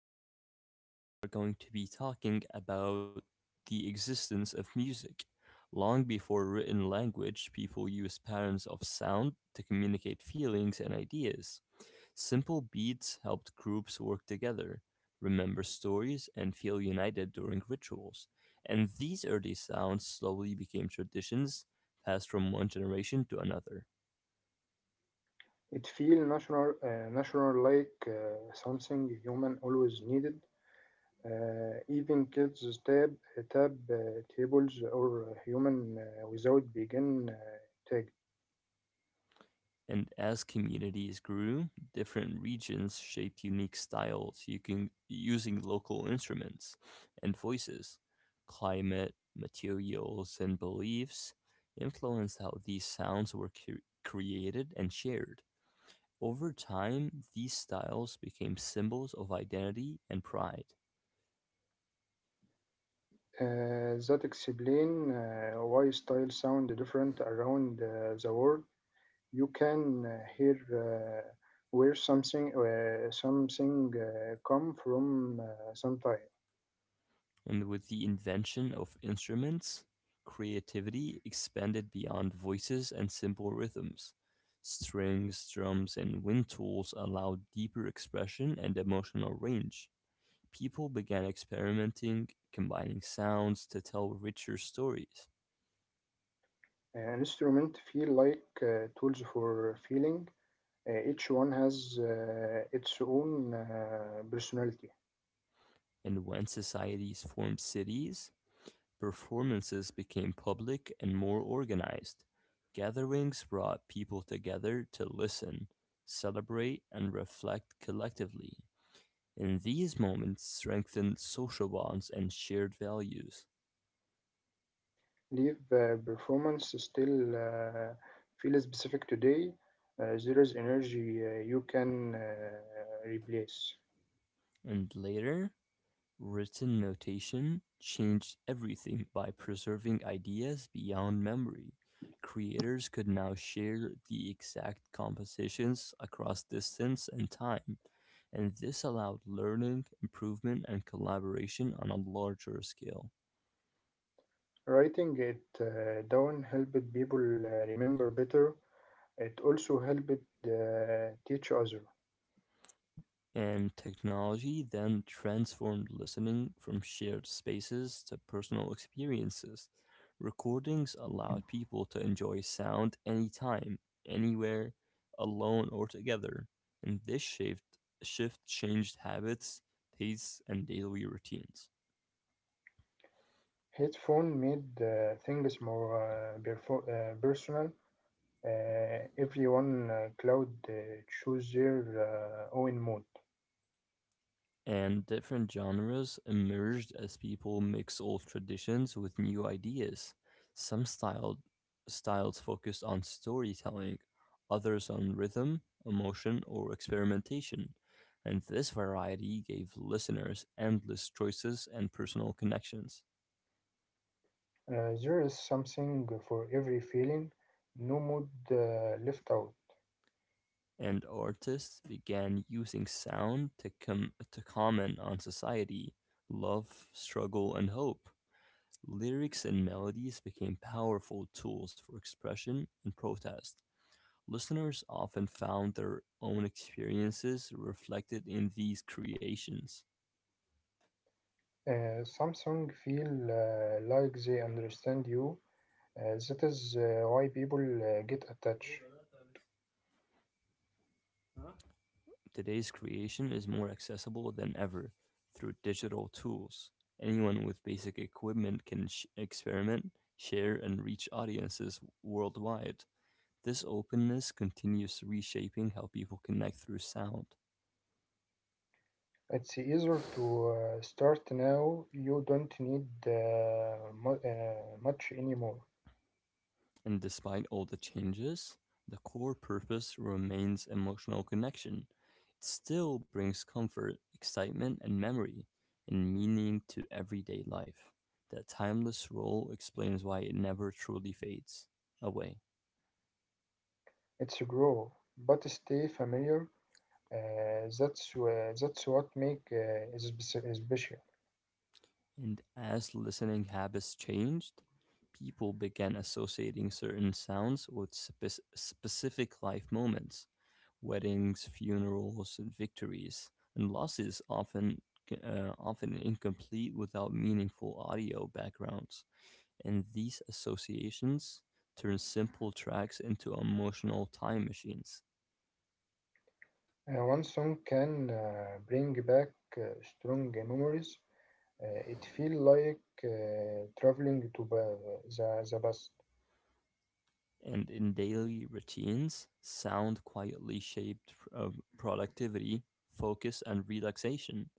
Today we are going to be talking about the existence of music. Long before written language, people used patterns of sound to communicate feelings and ideas. Simple beats helped groups work together, remember stories, and feel united during rituals. And these early sounds slowly became traditions passed from one generation to another. It feels natural, natural like something human always needed. Even kids tab uh, tables or human without begin tag. And as communities grew, different regions shaped unique styles you can, using local instruments and voices. Climate, materials, and beliefs influenced how these sounds were created and shared. Over time, these styles became symbols of identity and pride. That explain why style sound different around the world. You can hear where something come from sometime. And with the invention of instruments, creativity expanded beyond voices and simple rhythms. Strings, drums, and wind tools allowed deeper expression and emotional range. People began experimenting, combining sounds to tell richer stories. An instrument feel like tools for feeling. Each one has its own personality. And when societies formed cities, performances became public and more organized; gatherings brought people together to listen, celebrate, and reflect collectively. And these moments strengthened social bonds and shared values. Live performance still feel specific today. There is energy you can replace. And later, written notation changed everything by preserving ideas beyond memory. Creators could now share the exact compositions across distance and time, and this allowed learning, improvement, and collaboration on a larger scale. Writing it down helped people remember better. It also helped teach others. And technology then transformed listening from shared spaces to personal experiences. Recordings allowed people to enjoy sound anytime, anywhere, alone or together. And this shift changed habits, tastes, and daily routines. Headphone made things more personal. Everyone cloud choose their own mood. And different genres emerged as people mix old traditions with new ideas. Some styles focused on storytelling, others on rhythm, emotion, or experimentation. And this variety gave listeners endless choices and personal connections. There is something for every feeling, no mood left out. And artists began using sound to comment on society, love, struggle, and hope. Lyrics and melodies became powerful tools for expression and protest. Listeners often found their own experiences reflected in these creations. Samsung feel like they understand you. That is why people get attached. Today's creation is more accessible than ever through digital tools. Anyone with basic equipment can experiment, share, and reach audiences worldwide. This openness continues reshaping how people connect through sound. It's easier to start now. You don't need much anymore. And despite all the changes, the core purpose remains emotional connection. It still brings comfort, excitement, and memory and meaning to everyday life. That timeless role explains why it never truly fades away. It's grow, but stay familiar. That's what make is special. And as listening habits changed, people began associating certain sounds with specific life moments. Weddings, funerals, and victories, and losses often often incomplete without meaningful audio backgrounds. And these associations turn simple tracks into emotional time machines. One song can bring back strong memories. It feels like traveling to the past. And in daily routines, sound quietly shaped productivity, focus, and relaxation.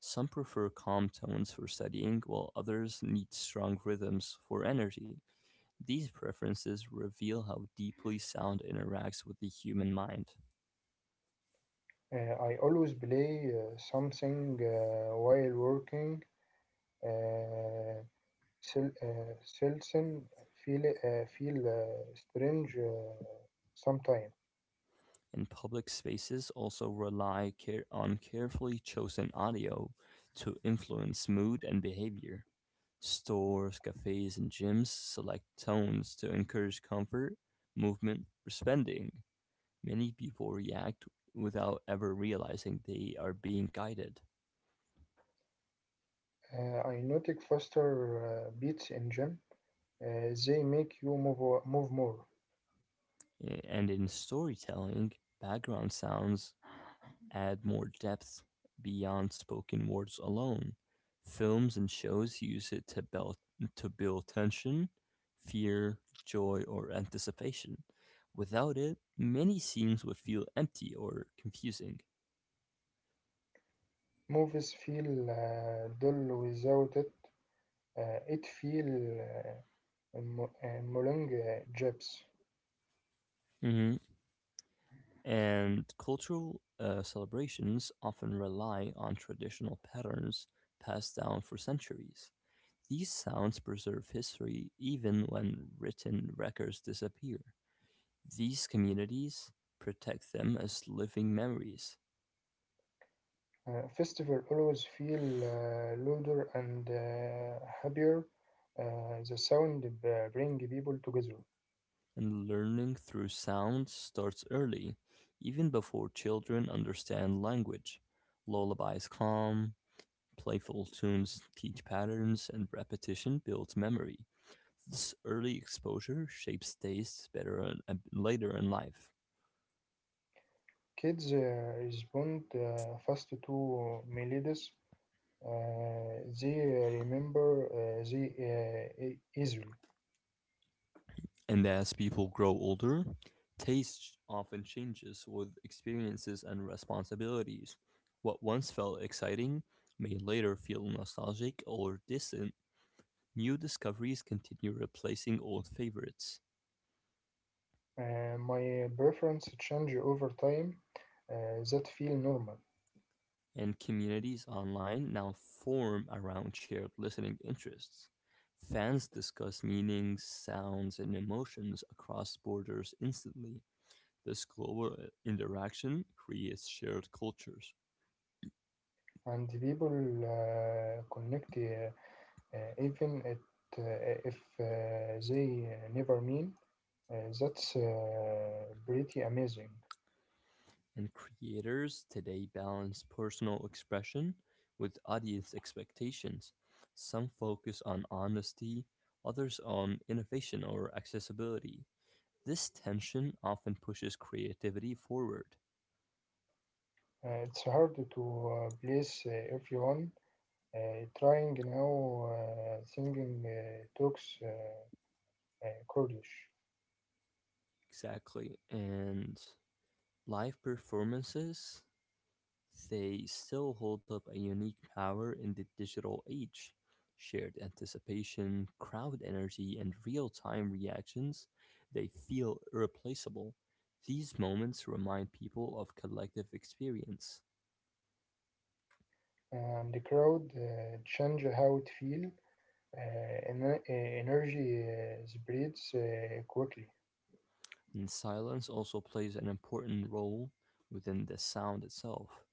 Some prefer calm tones for studying, while others need strong rhythms for energy. These preferences reveal how deeply sound interacts with the human mind. I always play something while working. Uh, Selson feel strange sometimes. And public spaces also rely on carefully chosen audio to influence mood and behavior. Stores, cafes, and gyms select tones to encourage comfort, movement, or spending. Many people react without ever realizing they are being guided. I notice faster beats in gym. They make you move more. And in storytelling, background sounds add more depth beyond spoken words alone. Films and shows use it to build tension, fear, joy, or anticipation. Without it, many scenes would feel empty or confusing. Movies feel dull without it. It feel Molong Jibs. Mm-hmm. And cultural celebrations often rely on traditional patterns passed down for centuries. These sounds preserve history even when written records disappear. These communities protect them as living memories, Festival always feel louder and happier. The bring people together. and learning through sound starts early, even before children understand language. Lullabies calm, playful tunes teach patterns, and repetition builds memory. This early exposure shapes tastes better later in life. Kids respond fast to melodies. They remember easily. And as people grow older, taste often changes with experiences and responsibilities. What once felt exciting may later feel nostalgic or distant. New discoveries continue replacing old favorites, My preference change over time. That feel normal. and communities online now form around shared listening interests. Fans discuss meanings, sounds, and emotions across borders instantly. This global interaction creates shared cultures. And people connect uh, even it uh, if they never mean. That's pretty amazing. And creators today balance personal expression with audience expectations. Some focus on honesty, others on innovation or accessibility. This tension often pushes creativity forward. It's hard to place everyone trying now singing talks Kurdish. Exactly. And live performances, they still hold up a unique power in the digital age. Shared anticipation, crowd energy, and real time reactions, they feel irreplaceable. These moments remind people of collective experience. And the crowd change how it feel. uh, ener- uh, Energy spreads quickly. And silence also plays an important role within the sound itself.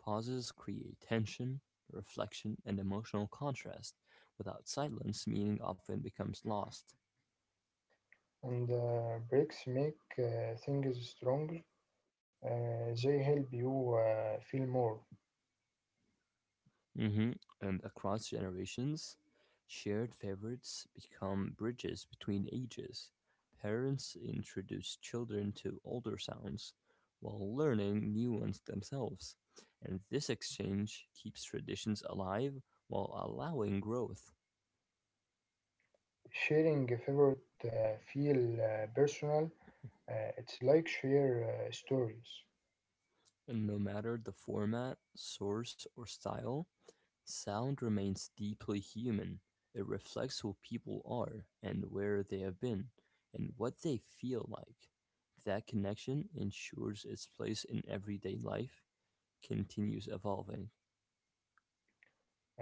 Pauses create tension, reflection, and emotional contrast. Without silence, meaning often becomes lost. And breaks make things stronger. They help you feel more. Hmm. And across generations, shared favorites become bridges between ages. Parents introduce children to older sounds while learning new ones themselves. And this exchange keeps traditions alive while allowing growth. Sharing a favorite feel personal. It's like share stories. And no matter the format, source, or style, sound remains deeply human, it reflects who people are and where they have been and what they feel like. That connection ensures its place in everyday life continues evolving.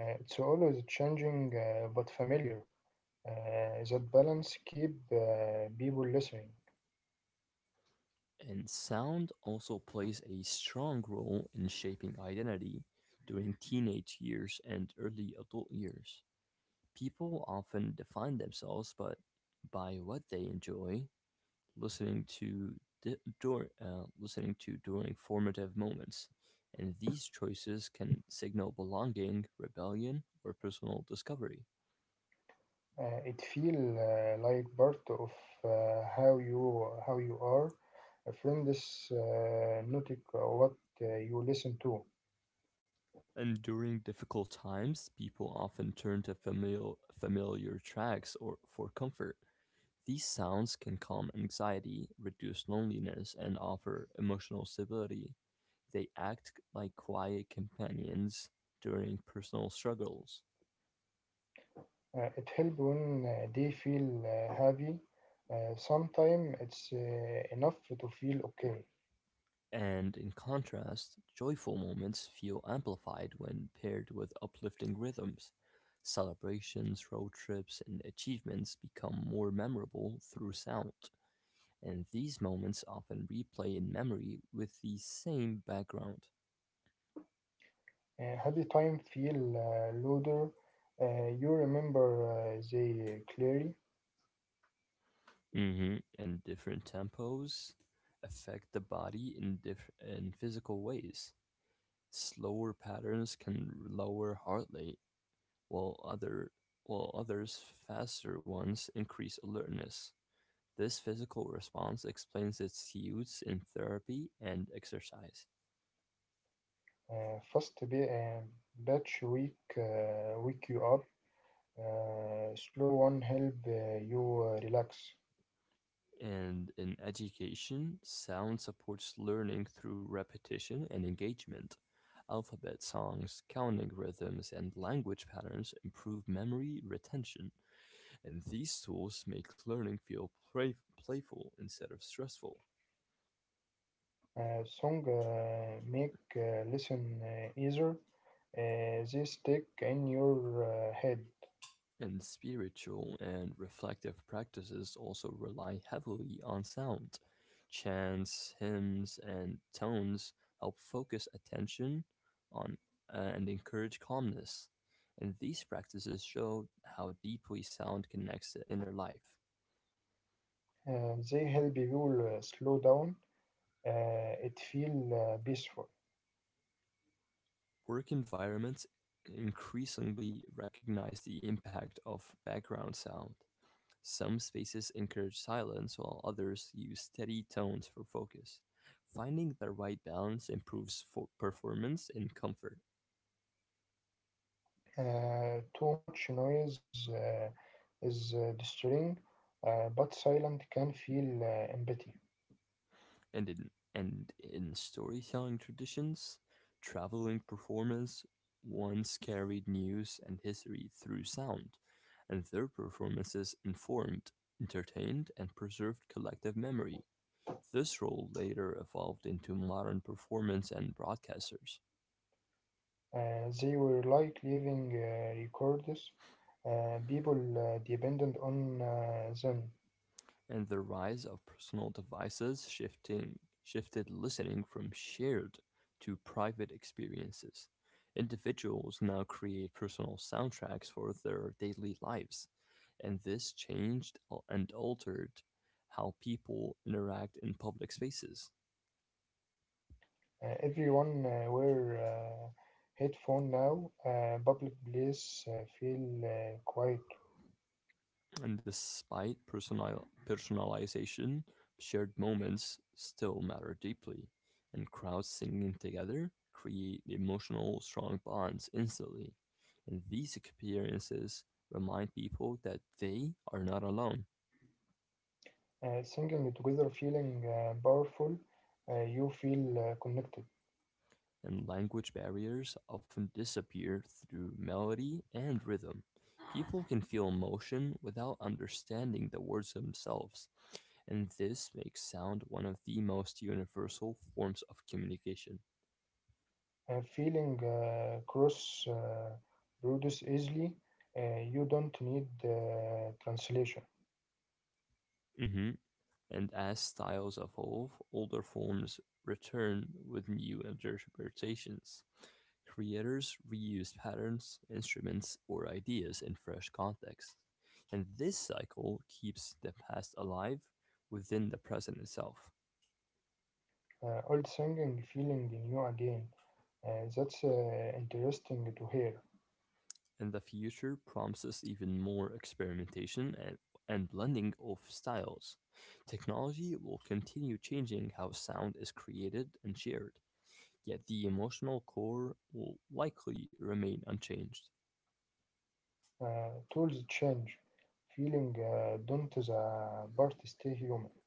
It's always changing but familiar. That balance keep people listening. And sound also plays a strong role in shaping identity during teenage years and early adult years. People often define themselves but by what they enjoy listening to listening to during formative moments, and these choices can signal belonging, rebellion, or personal discovery. It feel like part of how you are. A friend is noting what you listen to. And during difficult times, people often turn to familiar tracks or for comfort. These sounds can calm anxiety, reduce loneliness, and offer emotional stability. They act like quiet companions during personal struggles. It helps when they feel heavy. Sometimes it's enough to feel okay. And in contrast, joyful moments feel amplified when paired with uplifting rhythms. Celebrations, road trips, and achievements become more memorable through sound, and these moments often replay in memory with the same background. How the time feel louder? You remember the clearly. Hmm. And different tempos affect the body in physical ways. Slower patterns can lower heart rate while others faster ones increase alertness. This physical response explains its use in therapy and exercise. uh, first be, uh, Batch week wake you up. Slow one help you relax. And in education, sound supports learning through repetition and engagement. Alphabet songs, counting rhythms, and language patterns improve memory retention, and these tools make learning feel playful instead of stressful. Song make listen easier. They stick in your head. And spiritual and reflective practices also rely heavily on sound. Chants, hymns, and tones help focus attention on and encourage calmness. And these practices show how deeply sound connects to inner life. They help you slow down. It feel peaceful. Work environments increasingly recognize the impact of background sound. Some spaces encourage silence, while others use steady tones for focus. Finding the right balance improves for performance and comfort. Too much noise is disturbing, but silent can feel empty. And in and in storytelling traditions, traveling performers once carried news and history through sound, and their performances informed, entertained, and preserved collective memory. This role later evolved into modern performance and broadcasters. They were like living records, people dependent on them. And the rise of personal devices shifting shifted listening from shared to private experiences. Individuals now create personal soundtracks for their daily lives, and this changed and altered how people interact in public spaces. Everyone wear headphone now. Public place feel quiet. And despite personal personalization, shared moments still matter deeply, and crowds singing together create emotional, strong bonds instantly. And these experiences remind people that they are not alone, Singing together, feeling powerful. You feel connected. and language barriers often disappear through melody and rhythm. People can feel emotion without understanding the words themselves, and this makes sound one of the most universal forms of communication. Feeling cross produce easily. You don't need translation. Hmm. And as styles evolve, older forms return with new interpretations. Creators reuse patterns, instruments, or ideas in fresh contexts. And this cycle keeps the past alive within the present itself. Old singing feeling new again. That's interesting to hear. And the future promises even more experimentation and blending of styles. Technology will continue changing how sound is created and shared, yet the emotional core will likely remain unchanged. Tools change. Feeling don't the part stay human.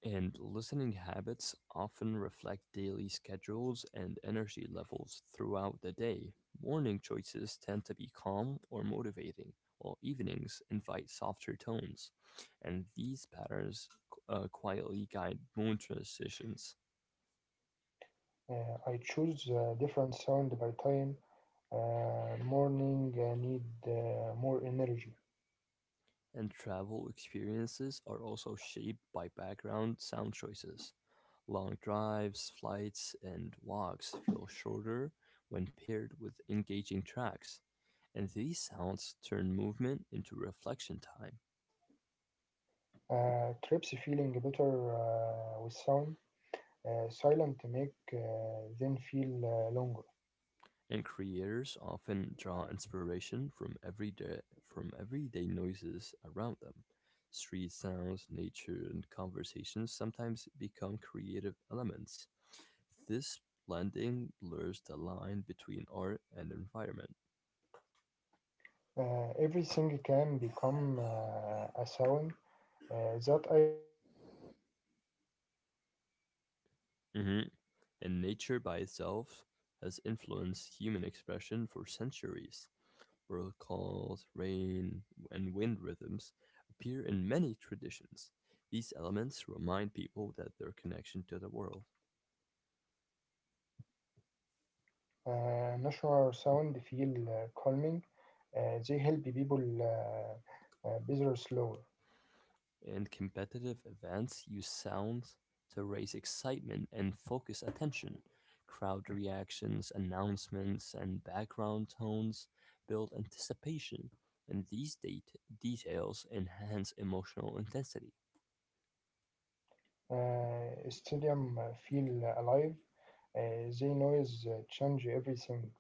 And listening habits often reflect daily schedules and energy levels throughout the day. Morning choices tend to be calm or motivating, while evenings invite softer tones. And these patterns quietly guide mood transitions. Uh, I choose different sound by time. Morning I need more energy. And travel experiences are also shaped by background sound choices. Long drives, flights, and walks feel shorter when paired with engaging tracks, and these sounds turn movement into reflection time. Trips feeling better with sound. Silent make them feel longer. And creators often draw inspiration from everyday noises around them. Street sounds, nature, and conversations sometimes become creative elements. This blending blurs the line between art and environment. Everything can become a sound. That idea feeling creative. Mm-hmm. And nature by itself has influenced human expression for centuries. Bird calls, rain, and wind rhythms appear in many traditions. These elements remind people that their connection to the world. Natural sound feel calming. They help people better slower. In competitive events, use sound to raise excitement and focus attention. Crowd reactions, announcements, and background tones build anticipation, and these details enhance emotional intensity. Stadium feel alive. They noise change everything.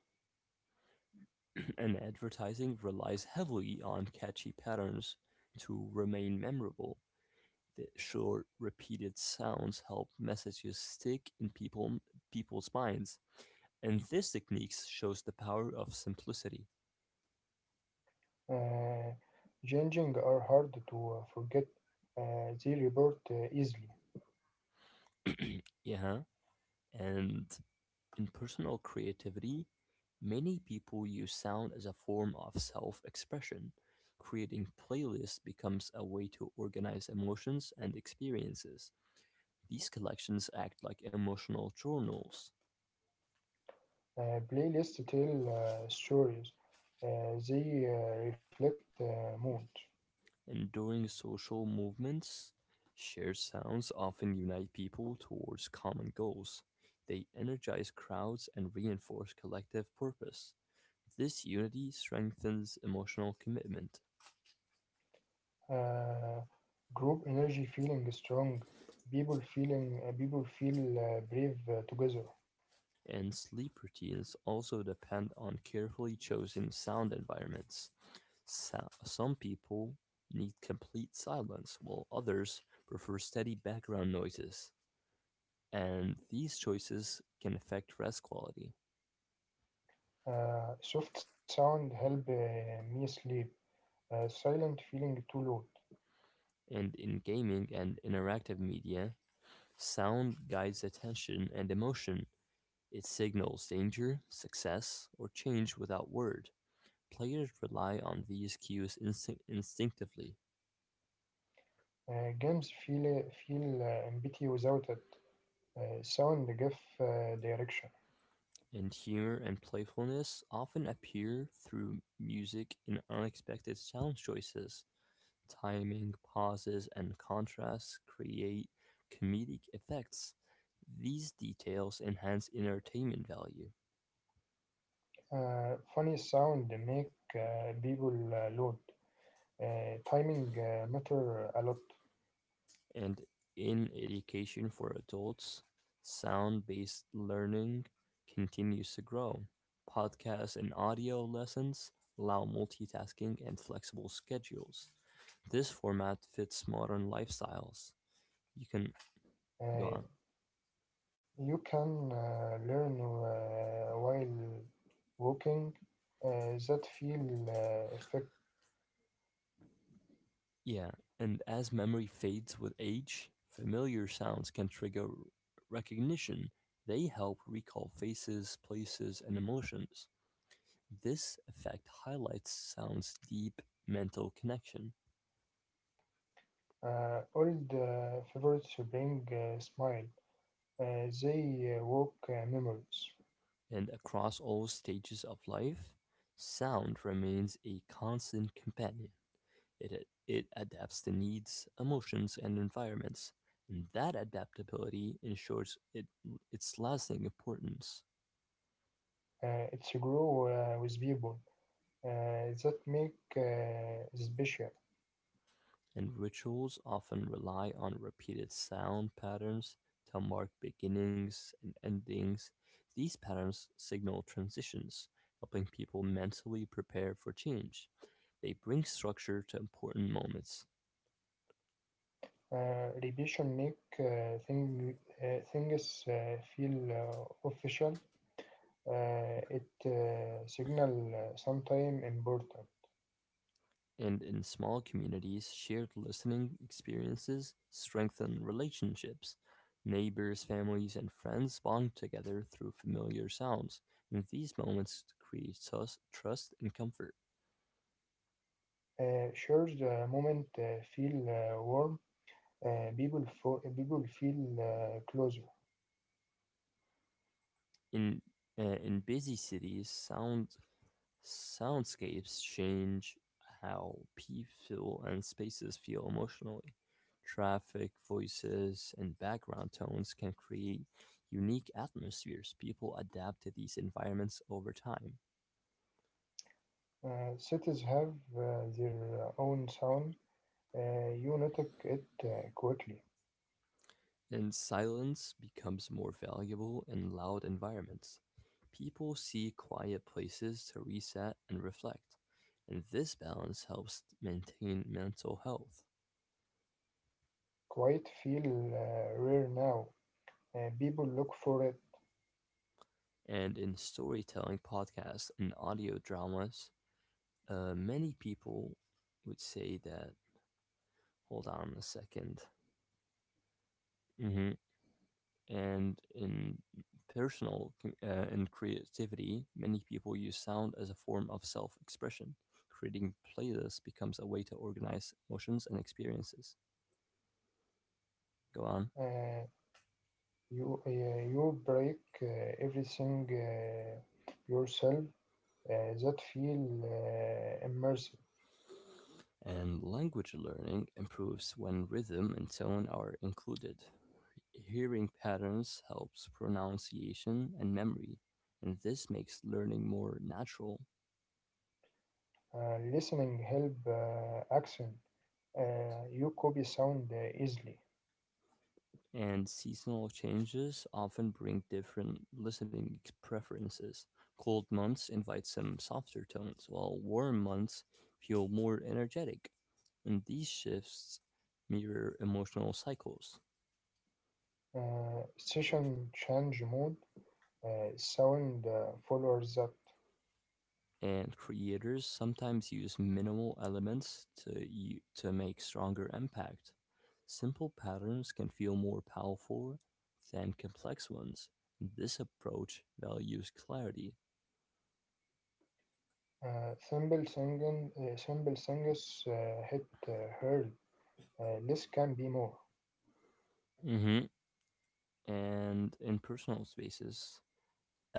And advertising relies heavily on catchy patterns to remain memorable. The short, repeated sounds help messages stick in people's minds, and this technique shows the power of simplicity. Uh, Changing are hard to forget. They report easily. Yeah, and in personal creativity, many people use sound as a form of self expression. Creating playlists becomes a way to organize emotions and experiences. These collections act like emotional journals, Playlists tell stories. They reflect mood. and during social movements, shared sounds often unite people towards common goals. They energize crowds and reinforce collective purpose. This unity strengthens emotional commitment. Uh, Group energy feeling strong. People feel brave together. And sleep routines also depend on carefully chosen sound environments. Some people need complete silence, while others prefer steady background noises. And these choices can affect rest quality. Soft sound help me sleep. Silent feeling too loud. And in gaming and interactive media, sound guides attention and emotion. It signals danger, success, or change without word. Players rely on these cues instinctively, Games feel empty without it. Sound give direction. and humor and playfulness often appear through music in unexpected sound choices. Timing, pauses, and contrasts create comedic effects. These details enhance entertainment value. Funny sound make people loud. Timing matter a lot. And in education for adults, sound based learning continues to grow. Podcasts and audio lessons allow multitasking and flexible schedules. This format fits modern lifestyles. You can Uh, go on. you can learn while walking. That feel effect. Yeah, and as memory fades with age, familiar sounds can trigger recognition. They help recall faces, places, and emotions. This effect highlights sound's deep mental connection. Old favorites bring smile. They walk memories. And across all stages of life, sound remains a constant companion. It adapts to needs, emotions, and environments. And that adaptability ensures it, its lasting importance. It's grow with people. That make special. And rituals often rely on repeated sound patterns to mark beginnings and endings. These patterns signal transitions, helping people mentally prepare for change. They bring structure to important moments, Repetition make uh, things feel official. It signal sometime important. and in small communities, shared listening experiences strengthen relationships. Neighbors, families, and friends bond together through familiar sounds, and these moments create trust and comfort. Sure, the moment feel warm, people feel closer. In in busy cities, soundscapes change how people and spaces feel emotionally. Traffic, voices, and background tones can create unique atmospheres. People adapt to these environments over time, Cities have their own sound. You notice it quickly. and silence becomes more valuable in loud environments. People seek quiet places to reset and reflect, and this balance helps maintain mental health. Quiet feel rare now. People look for it. And in storytelling podcasts and audio dramas, many people would say that, hold on a 2nd. Mm-hmm. And in personal and creativity, many people use sound as a form of self expression. Creating playlists becomes a way to organize emotions and experiences. Go on. Uh, you break uh, everything yourself. That feel immersive. And language learning improves when rhythm and tone are included. Hearing patterns helps pronunciation and memory, and this makes learning more natural. Listening help accent. You copy sound easily. And seasonal changes often bring different preferences. Cold months invite some softer tones, while warm months feel more energetic. And these shifts mirror emotional cycles. Session change mode. Sound follows that. And creators sometimes use minimal elements to make stronger impact. Simple patterns can feel more powerful than complex ones. This approach values clarity. Simple singers hit hurl. Less can be more. Hmm. And in personal spaces,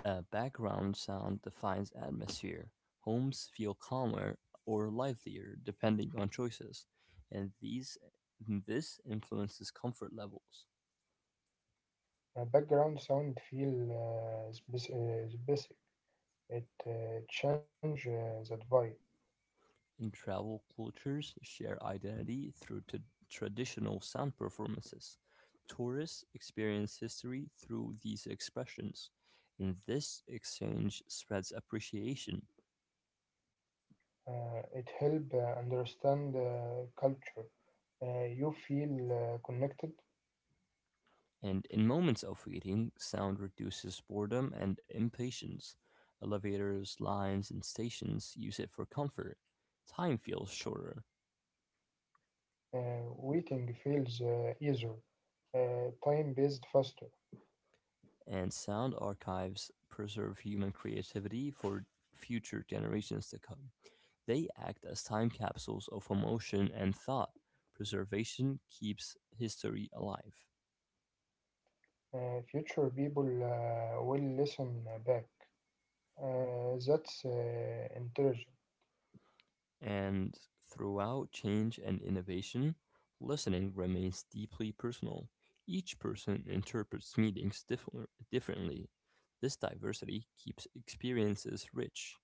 a background sound defines atmosphere. Homes feel calmer or livelier depending on choices, and these this influences comfort levels. Background sound feel specific. It change that vibe. In travel, cultures share identity through traditional sound performances. Tourists experience history through these expressions, and this exchange spreads appreciation. It help understand culture. You feel connected. And in moments of waiting, sound reduces boredom and impatience. Elevators, lines, and stations use it for comfort. Time feels shorter, Waiting feels easier. uh, Time-based faster. and sound archives preserve human creativity for future generations to come. They act as time capsules of emotion and thought. Preservation keeps history alive. Future people will listen back. That's intelligent. And throughout change and innovation, listening remains deeply personal. Each person interprets differently. This diversity keeps experiences rich.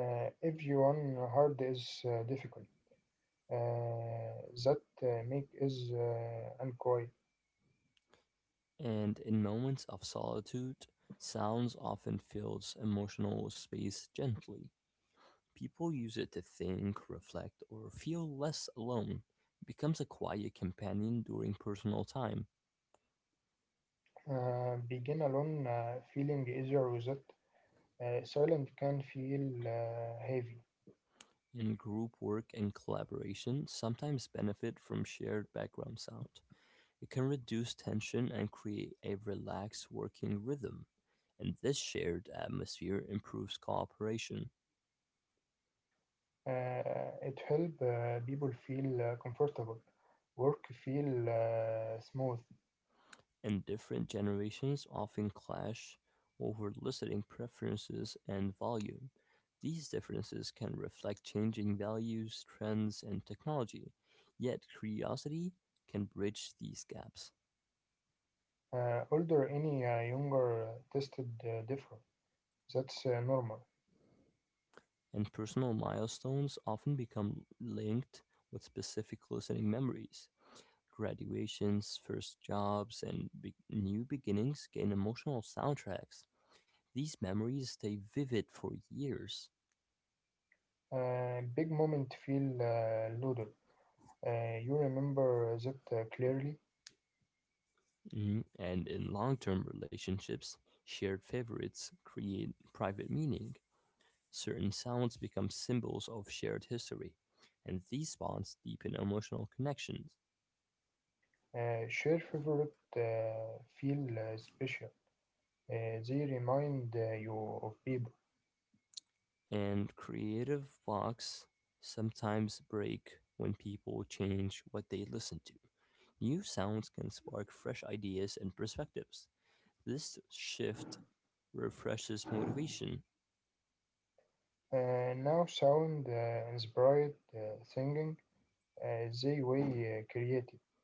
If you want hard is difficult, uh, that make is unquiet. And in moments of solitude, sounds often fills emotional space gently. People use it to think, reflect, or feel less alone. It becomes a quiet companion during personal time. آه، بيجينا لون آه، feeling easier with it. Silent can feel heavy. In group work and collaboration, sometimes benefit from shared background sound. It can reduce tension and create a relaxed working rhythm, and this shared atmosphere improves cooperation. It help people feel comfortable. Work feel smooth. And different generations often clash over listening preferences and volume. These differences can reflect changing values, trends, and technology, yet, curiosity can bridge these gaps, Older any younger tested different. That's normal. and personal milestones often become linked with specific listening memories. Graduations, first jobs, and new beginnings gain emotional soundtracks. These memories stay vivid for years. Big moment feel louder. You remember that clearly. Mhm. And in long term relationships, shared favorites create private meaning. Certain sounds become symbols of shared history, and these bonds deepen emotional connections. Share favorite feel special. They remind you of people. And creative blocks sometimes break when people change what they listen to. New sounds can spark fresh ideas and perspectives. This shift refreshes motivation. Now sound inspired thinking. They way creative.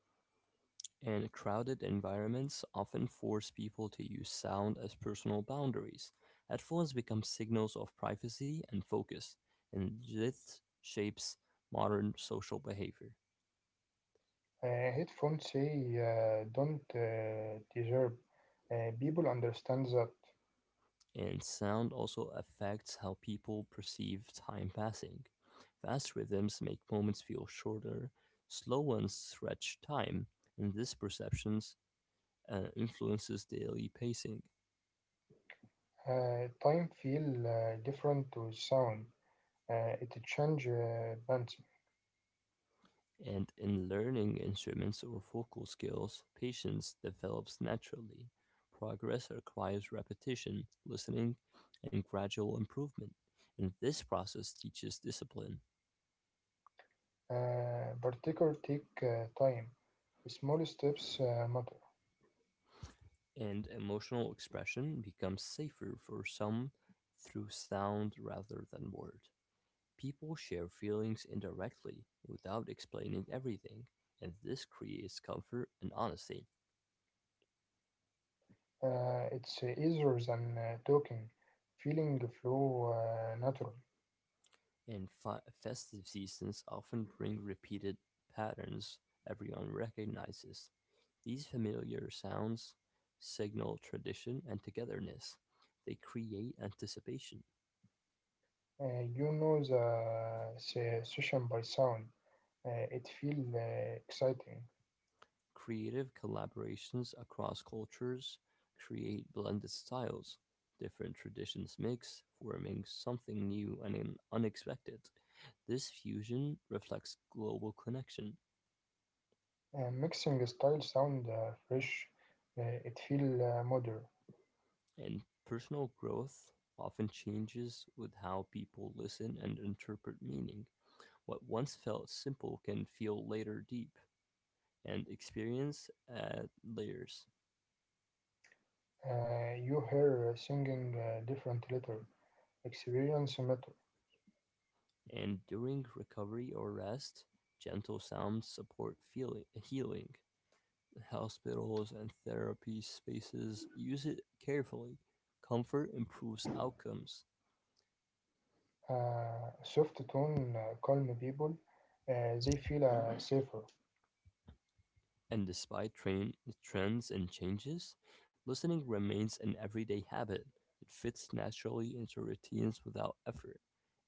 And crowded environments often force people to use sound as personal boundaries. Headphones become signals of privacy and focus, and this shapes modern social behavior. Headphones say don't deserve. People understand that. And sound also affects how people perceive time passing. Fast rhythms make moments feel shorter, slow ones stretch time, and this perception influences daily pacing. Time feel different with sound. It change bands. And in learning instruments or vocal skills, patience develops naturally. Progress requires repetition, listening, and gradual improvement. And this process teaches discipline. Particular take time. Small steps matter. And emotional expression becomes safer for some through sound rather than word. People share feelings indirectly without explaining everything, and this creates comfort and honesty. It's easier than talking. Feeling flow natural. In festive seasons often bring repeated patterns everyone recognizes. These familiar sounds signal tradition and togetherness. They create anticipation. You know the session by sound. It feel exciting. Creative collaborations across cultures create blended styles. Different traditions mix, forming something new and unexpected. This fusion reflects global connection. Mixing style sound fresh. It feel modern. And personal growth often changes with how people listen and interpret meaning. What once felt simple can feel later deep, and experience add layers. You hear singing different letter. Experience matter. And during recovery or rest, gentle sounds support feeling, healing. Hospitals and therapy spaces use it carefully. Comfort improves outcomes. Soft tone calm people. They feel safer. And despite trends and changes, listening remains an everyday habit. It fits naturally into routines without effort,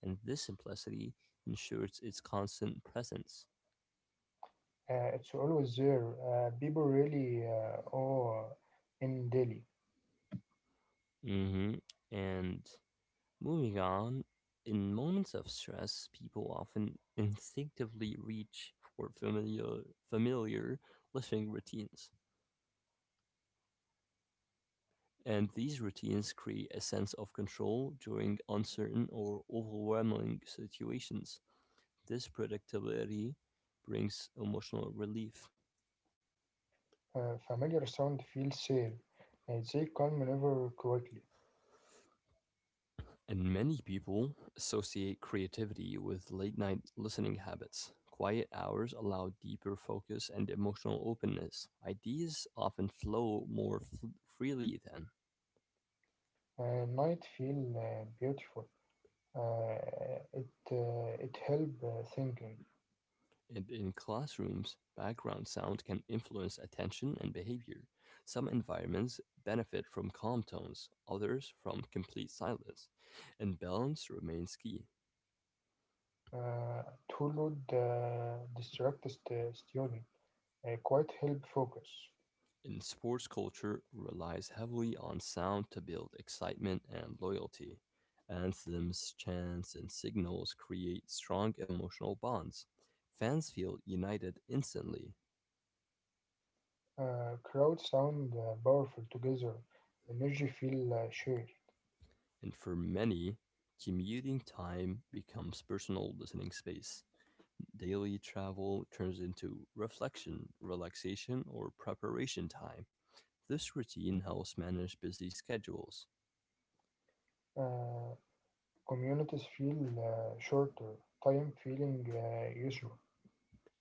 and this simplicity ensures its constant presence. It's always there. People really are in Delhi. Hmm. And moving on, in moments of stress, people often instinctively reach for familiar listening routines. And these routines create a sense of control during uncertain or overwhelming situations. This predictability brings emotional relief. Familiar sound feels safe. They calm never quickly. And many people associate creativity with late night listening habits. Quiet hours allow deeper focus and emotional openness. Ideas often flow more freely then. Night feel beautiful. It help thinking. And in classrooms, background sound can influence attention and behavior. Some environments benefit from calm tones, others from complete silence, and balance remains key. Uh, Too loud distracts the student. Quiet help focus. In sports culture relies heavily on sound to build excitement and loyalty. Anthems, chants, and signals create strong emotional bonds. Fans feel united instantly, Crowd sound powerful together. Energy feel shared. and for many, commuting time becomes personal listening space. Daily travel turns into reflection, relaxation, or preparation time. This routine helps manage busy schedules. Uh, Communities feel shorter. Time feeling usual.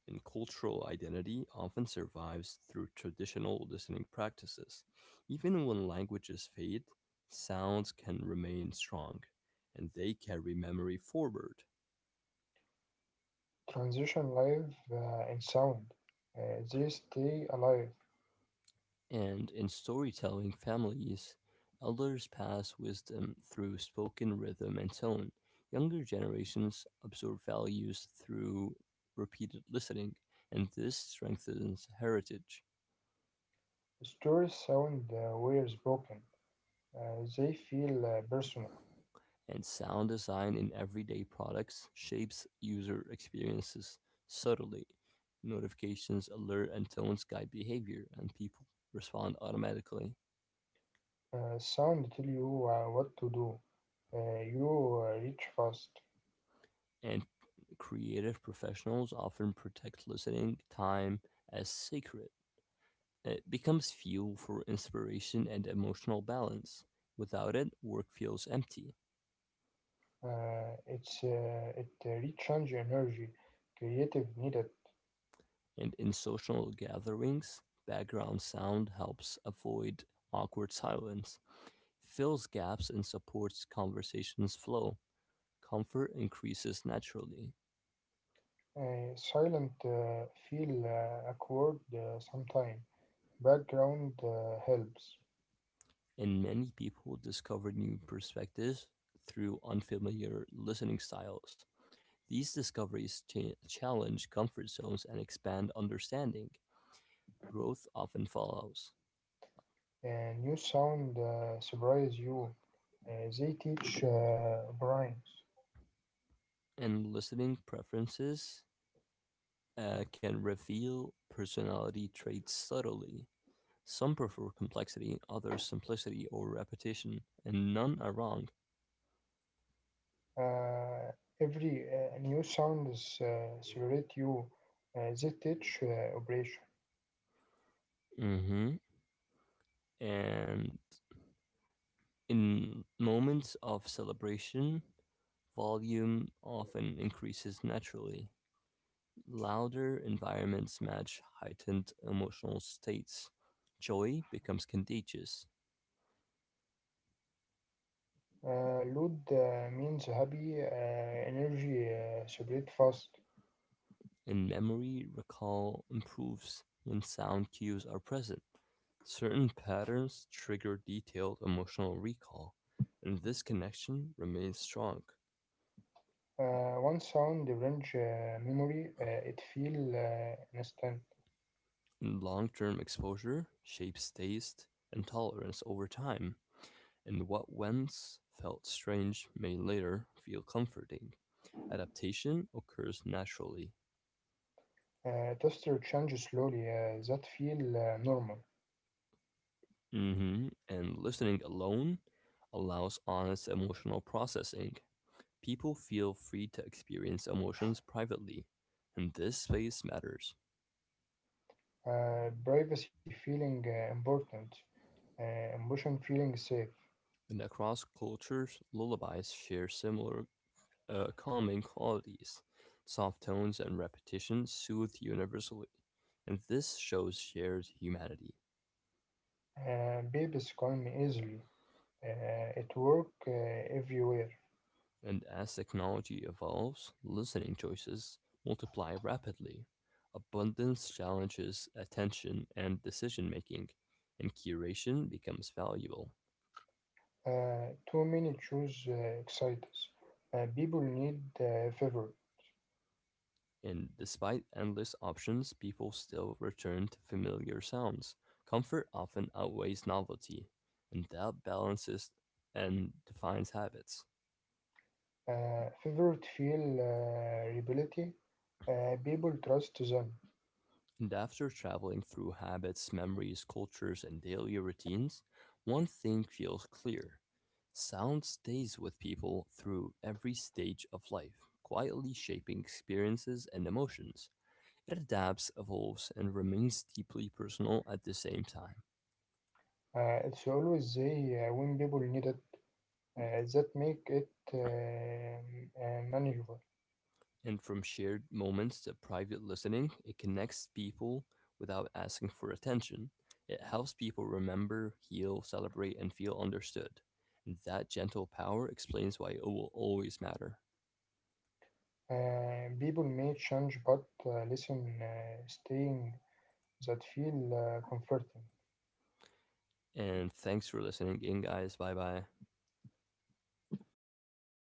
And cultural identity often survives through traditional listening practices. Even when languages fade, sounds can remain strong, and they carry memory forward. Transition live in sound. They stay alive. And in storytelling families, elders pass wisdom through spoken rhythm and tone. Younger generations absorb values through repeated listening, and this strengthens heritage. Stories sound were spoken. They feel personal. And sound design in everyday products shapes user experiences subtly. Notifications, alert, and tones guide behavior, and people respond automatically. Sound tell you what to do. You reach fast. And creative professionals often protect listening time as sacred. It becomes fuel for inspiration and emotional balance. Without it, work feels empty. It's it Recharge energy, creative needed. And in social gatherings, background sound helps avoid awkward silence. Fills gaps and supports conversation's flow. Comfort increases naturally, Silent feel awkward sometime. Background helps. and many people discover new perspectives through unfamiliar listening styles. These discoveries challenge comfort zones and expand understanding. Growth often follows, New sound surprise you. They teach brains. and listening preferences can reveal personality traits subtly. Some prefer complexity, others simplicity or repetition, and none are wrong. Uh, every new sounds celebrate you. ZH operation. Mm hmm. And in moments of celebration, volume often increases naturally. Louder environments match heightened emotional states. Joy becomes contagious, Load means happy, energy celebrate fast. and memory recall improves when sound cues are present. Certain patterns trigger detailed emotional recall, and this connection remains strong. One sound range memory, it feel instant. Long term exposure shapes taste and tolerance over time, and what once felt strange may later feel comforting. Adaptation occurs naturally. Tester change slowly, that feel normal. Hmm. And listening alone allows honest emotional processing. People feel free to experience emotions privately, and this space matters. Privacy feeling important. Emotion feeling safe. And across cultures, lullabies share similar calming qualities. Soft tones and repetition soothe universally, and this shows shared humanity. Babies calm easily. It work everywhere. And as technology evolves, listening choices multiply rapidly. Abundance challenges attention and decision making, and curation becomes valuable. Too many choose excites. People need favor. And despite endless options, people still return to familiar sounds. Comfort often outweighs novelty, and that balances and defines habits. Favorite feel rebellion. People trust them. And after traveling through habits, memories, cultures, and daily routines, one thing feels clear: sound stays with people through every stage of life, quietly shaping experiences and emotions. It adapts, evolves, and remains deeply personal at the same time. It's always they when people need it. That make it manageable. And from shared moments to private listening, it connects people without asking for attention. It helps people remember, heal, celebrate, and feel understood. And that gentle power explains why it will always matter. People may change, but listen, staying. That feel comforting. And thanks for listening in, guys. Bye bye.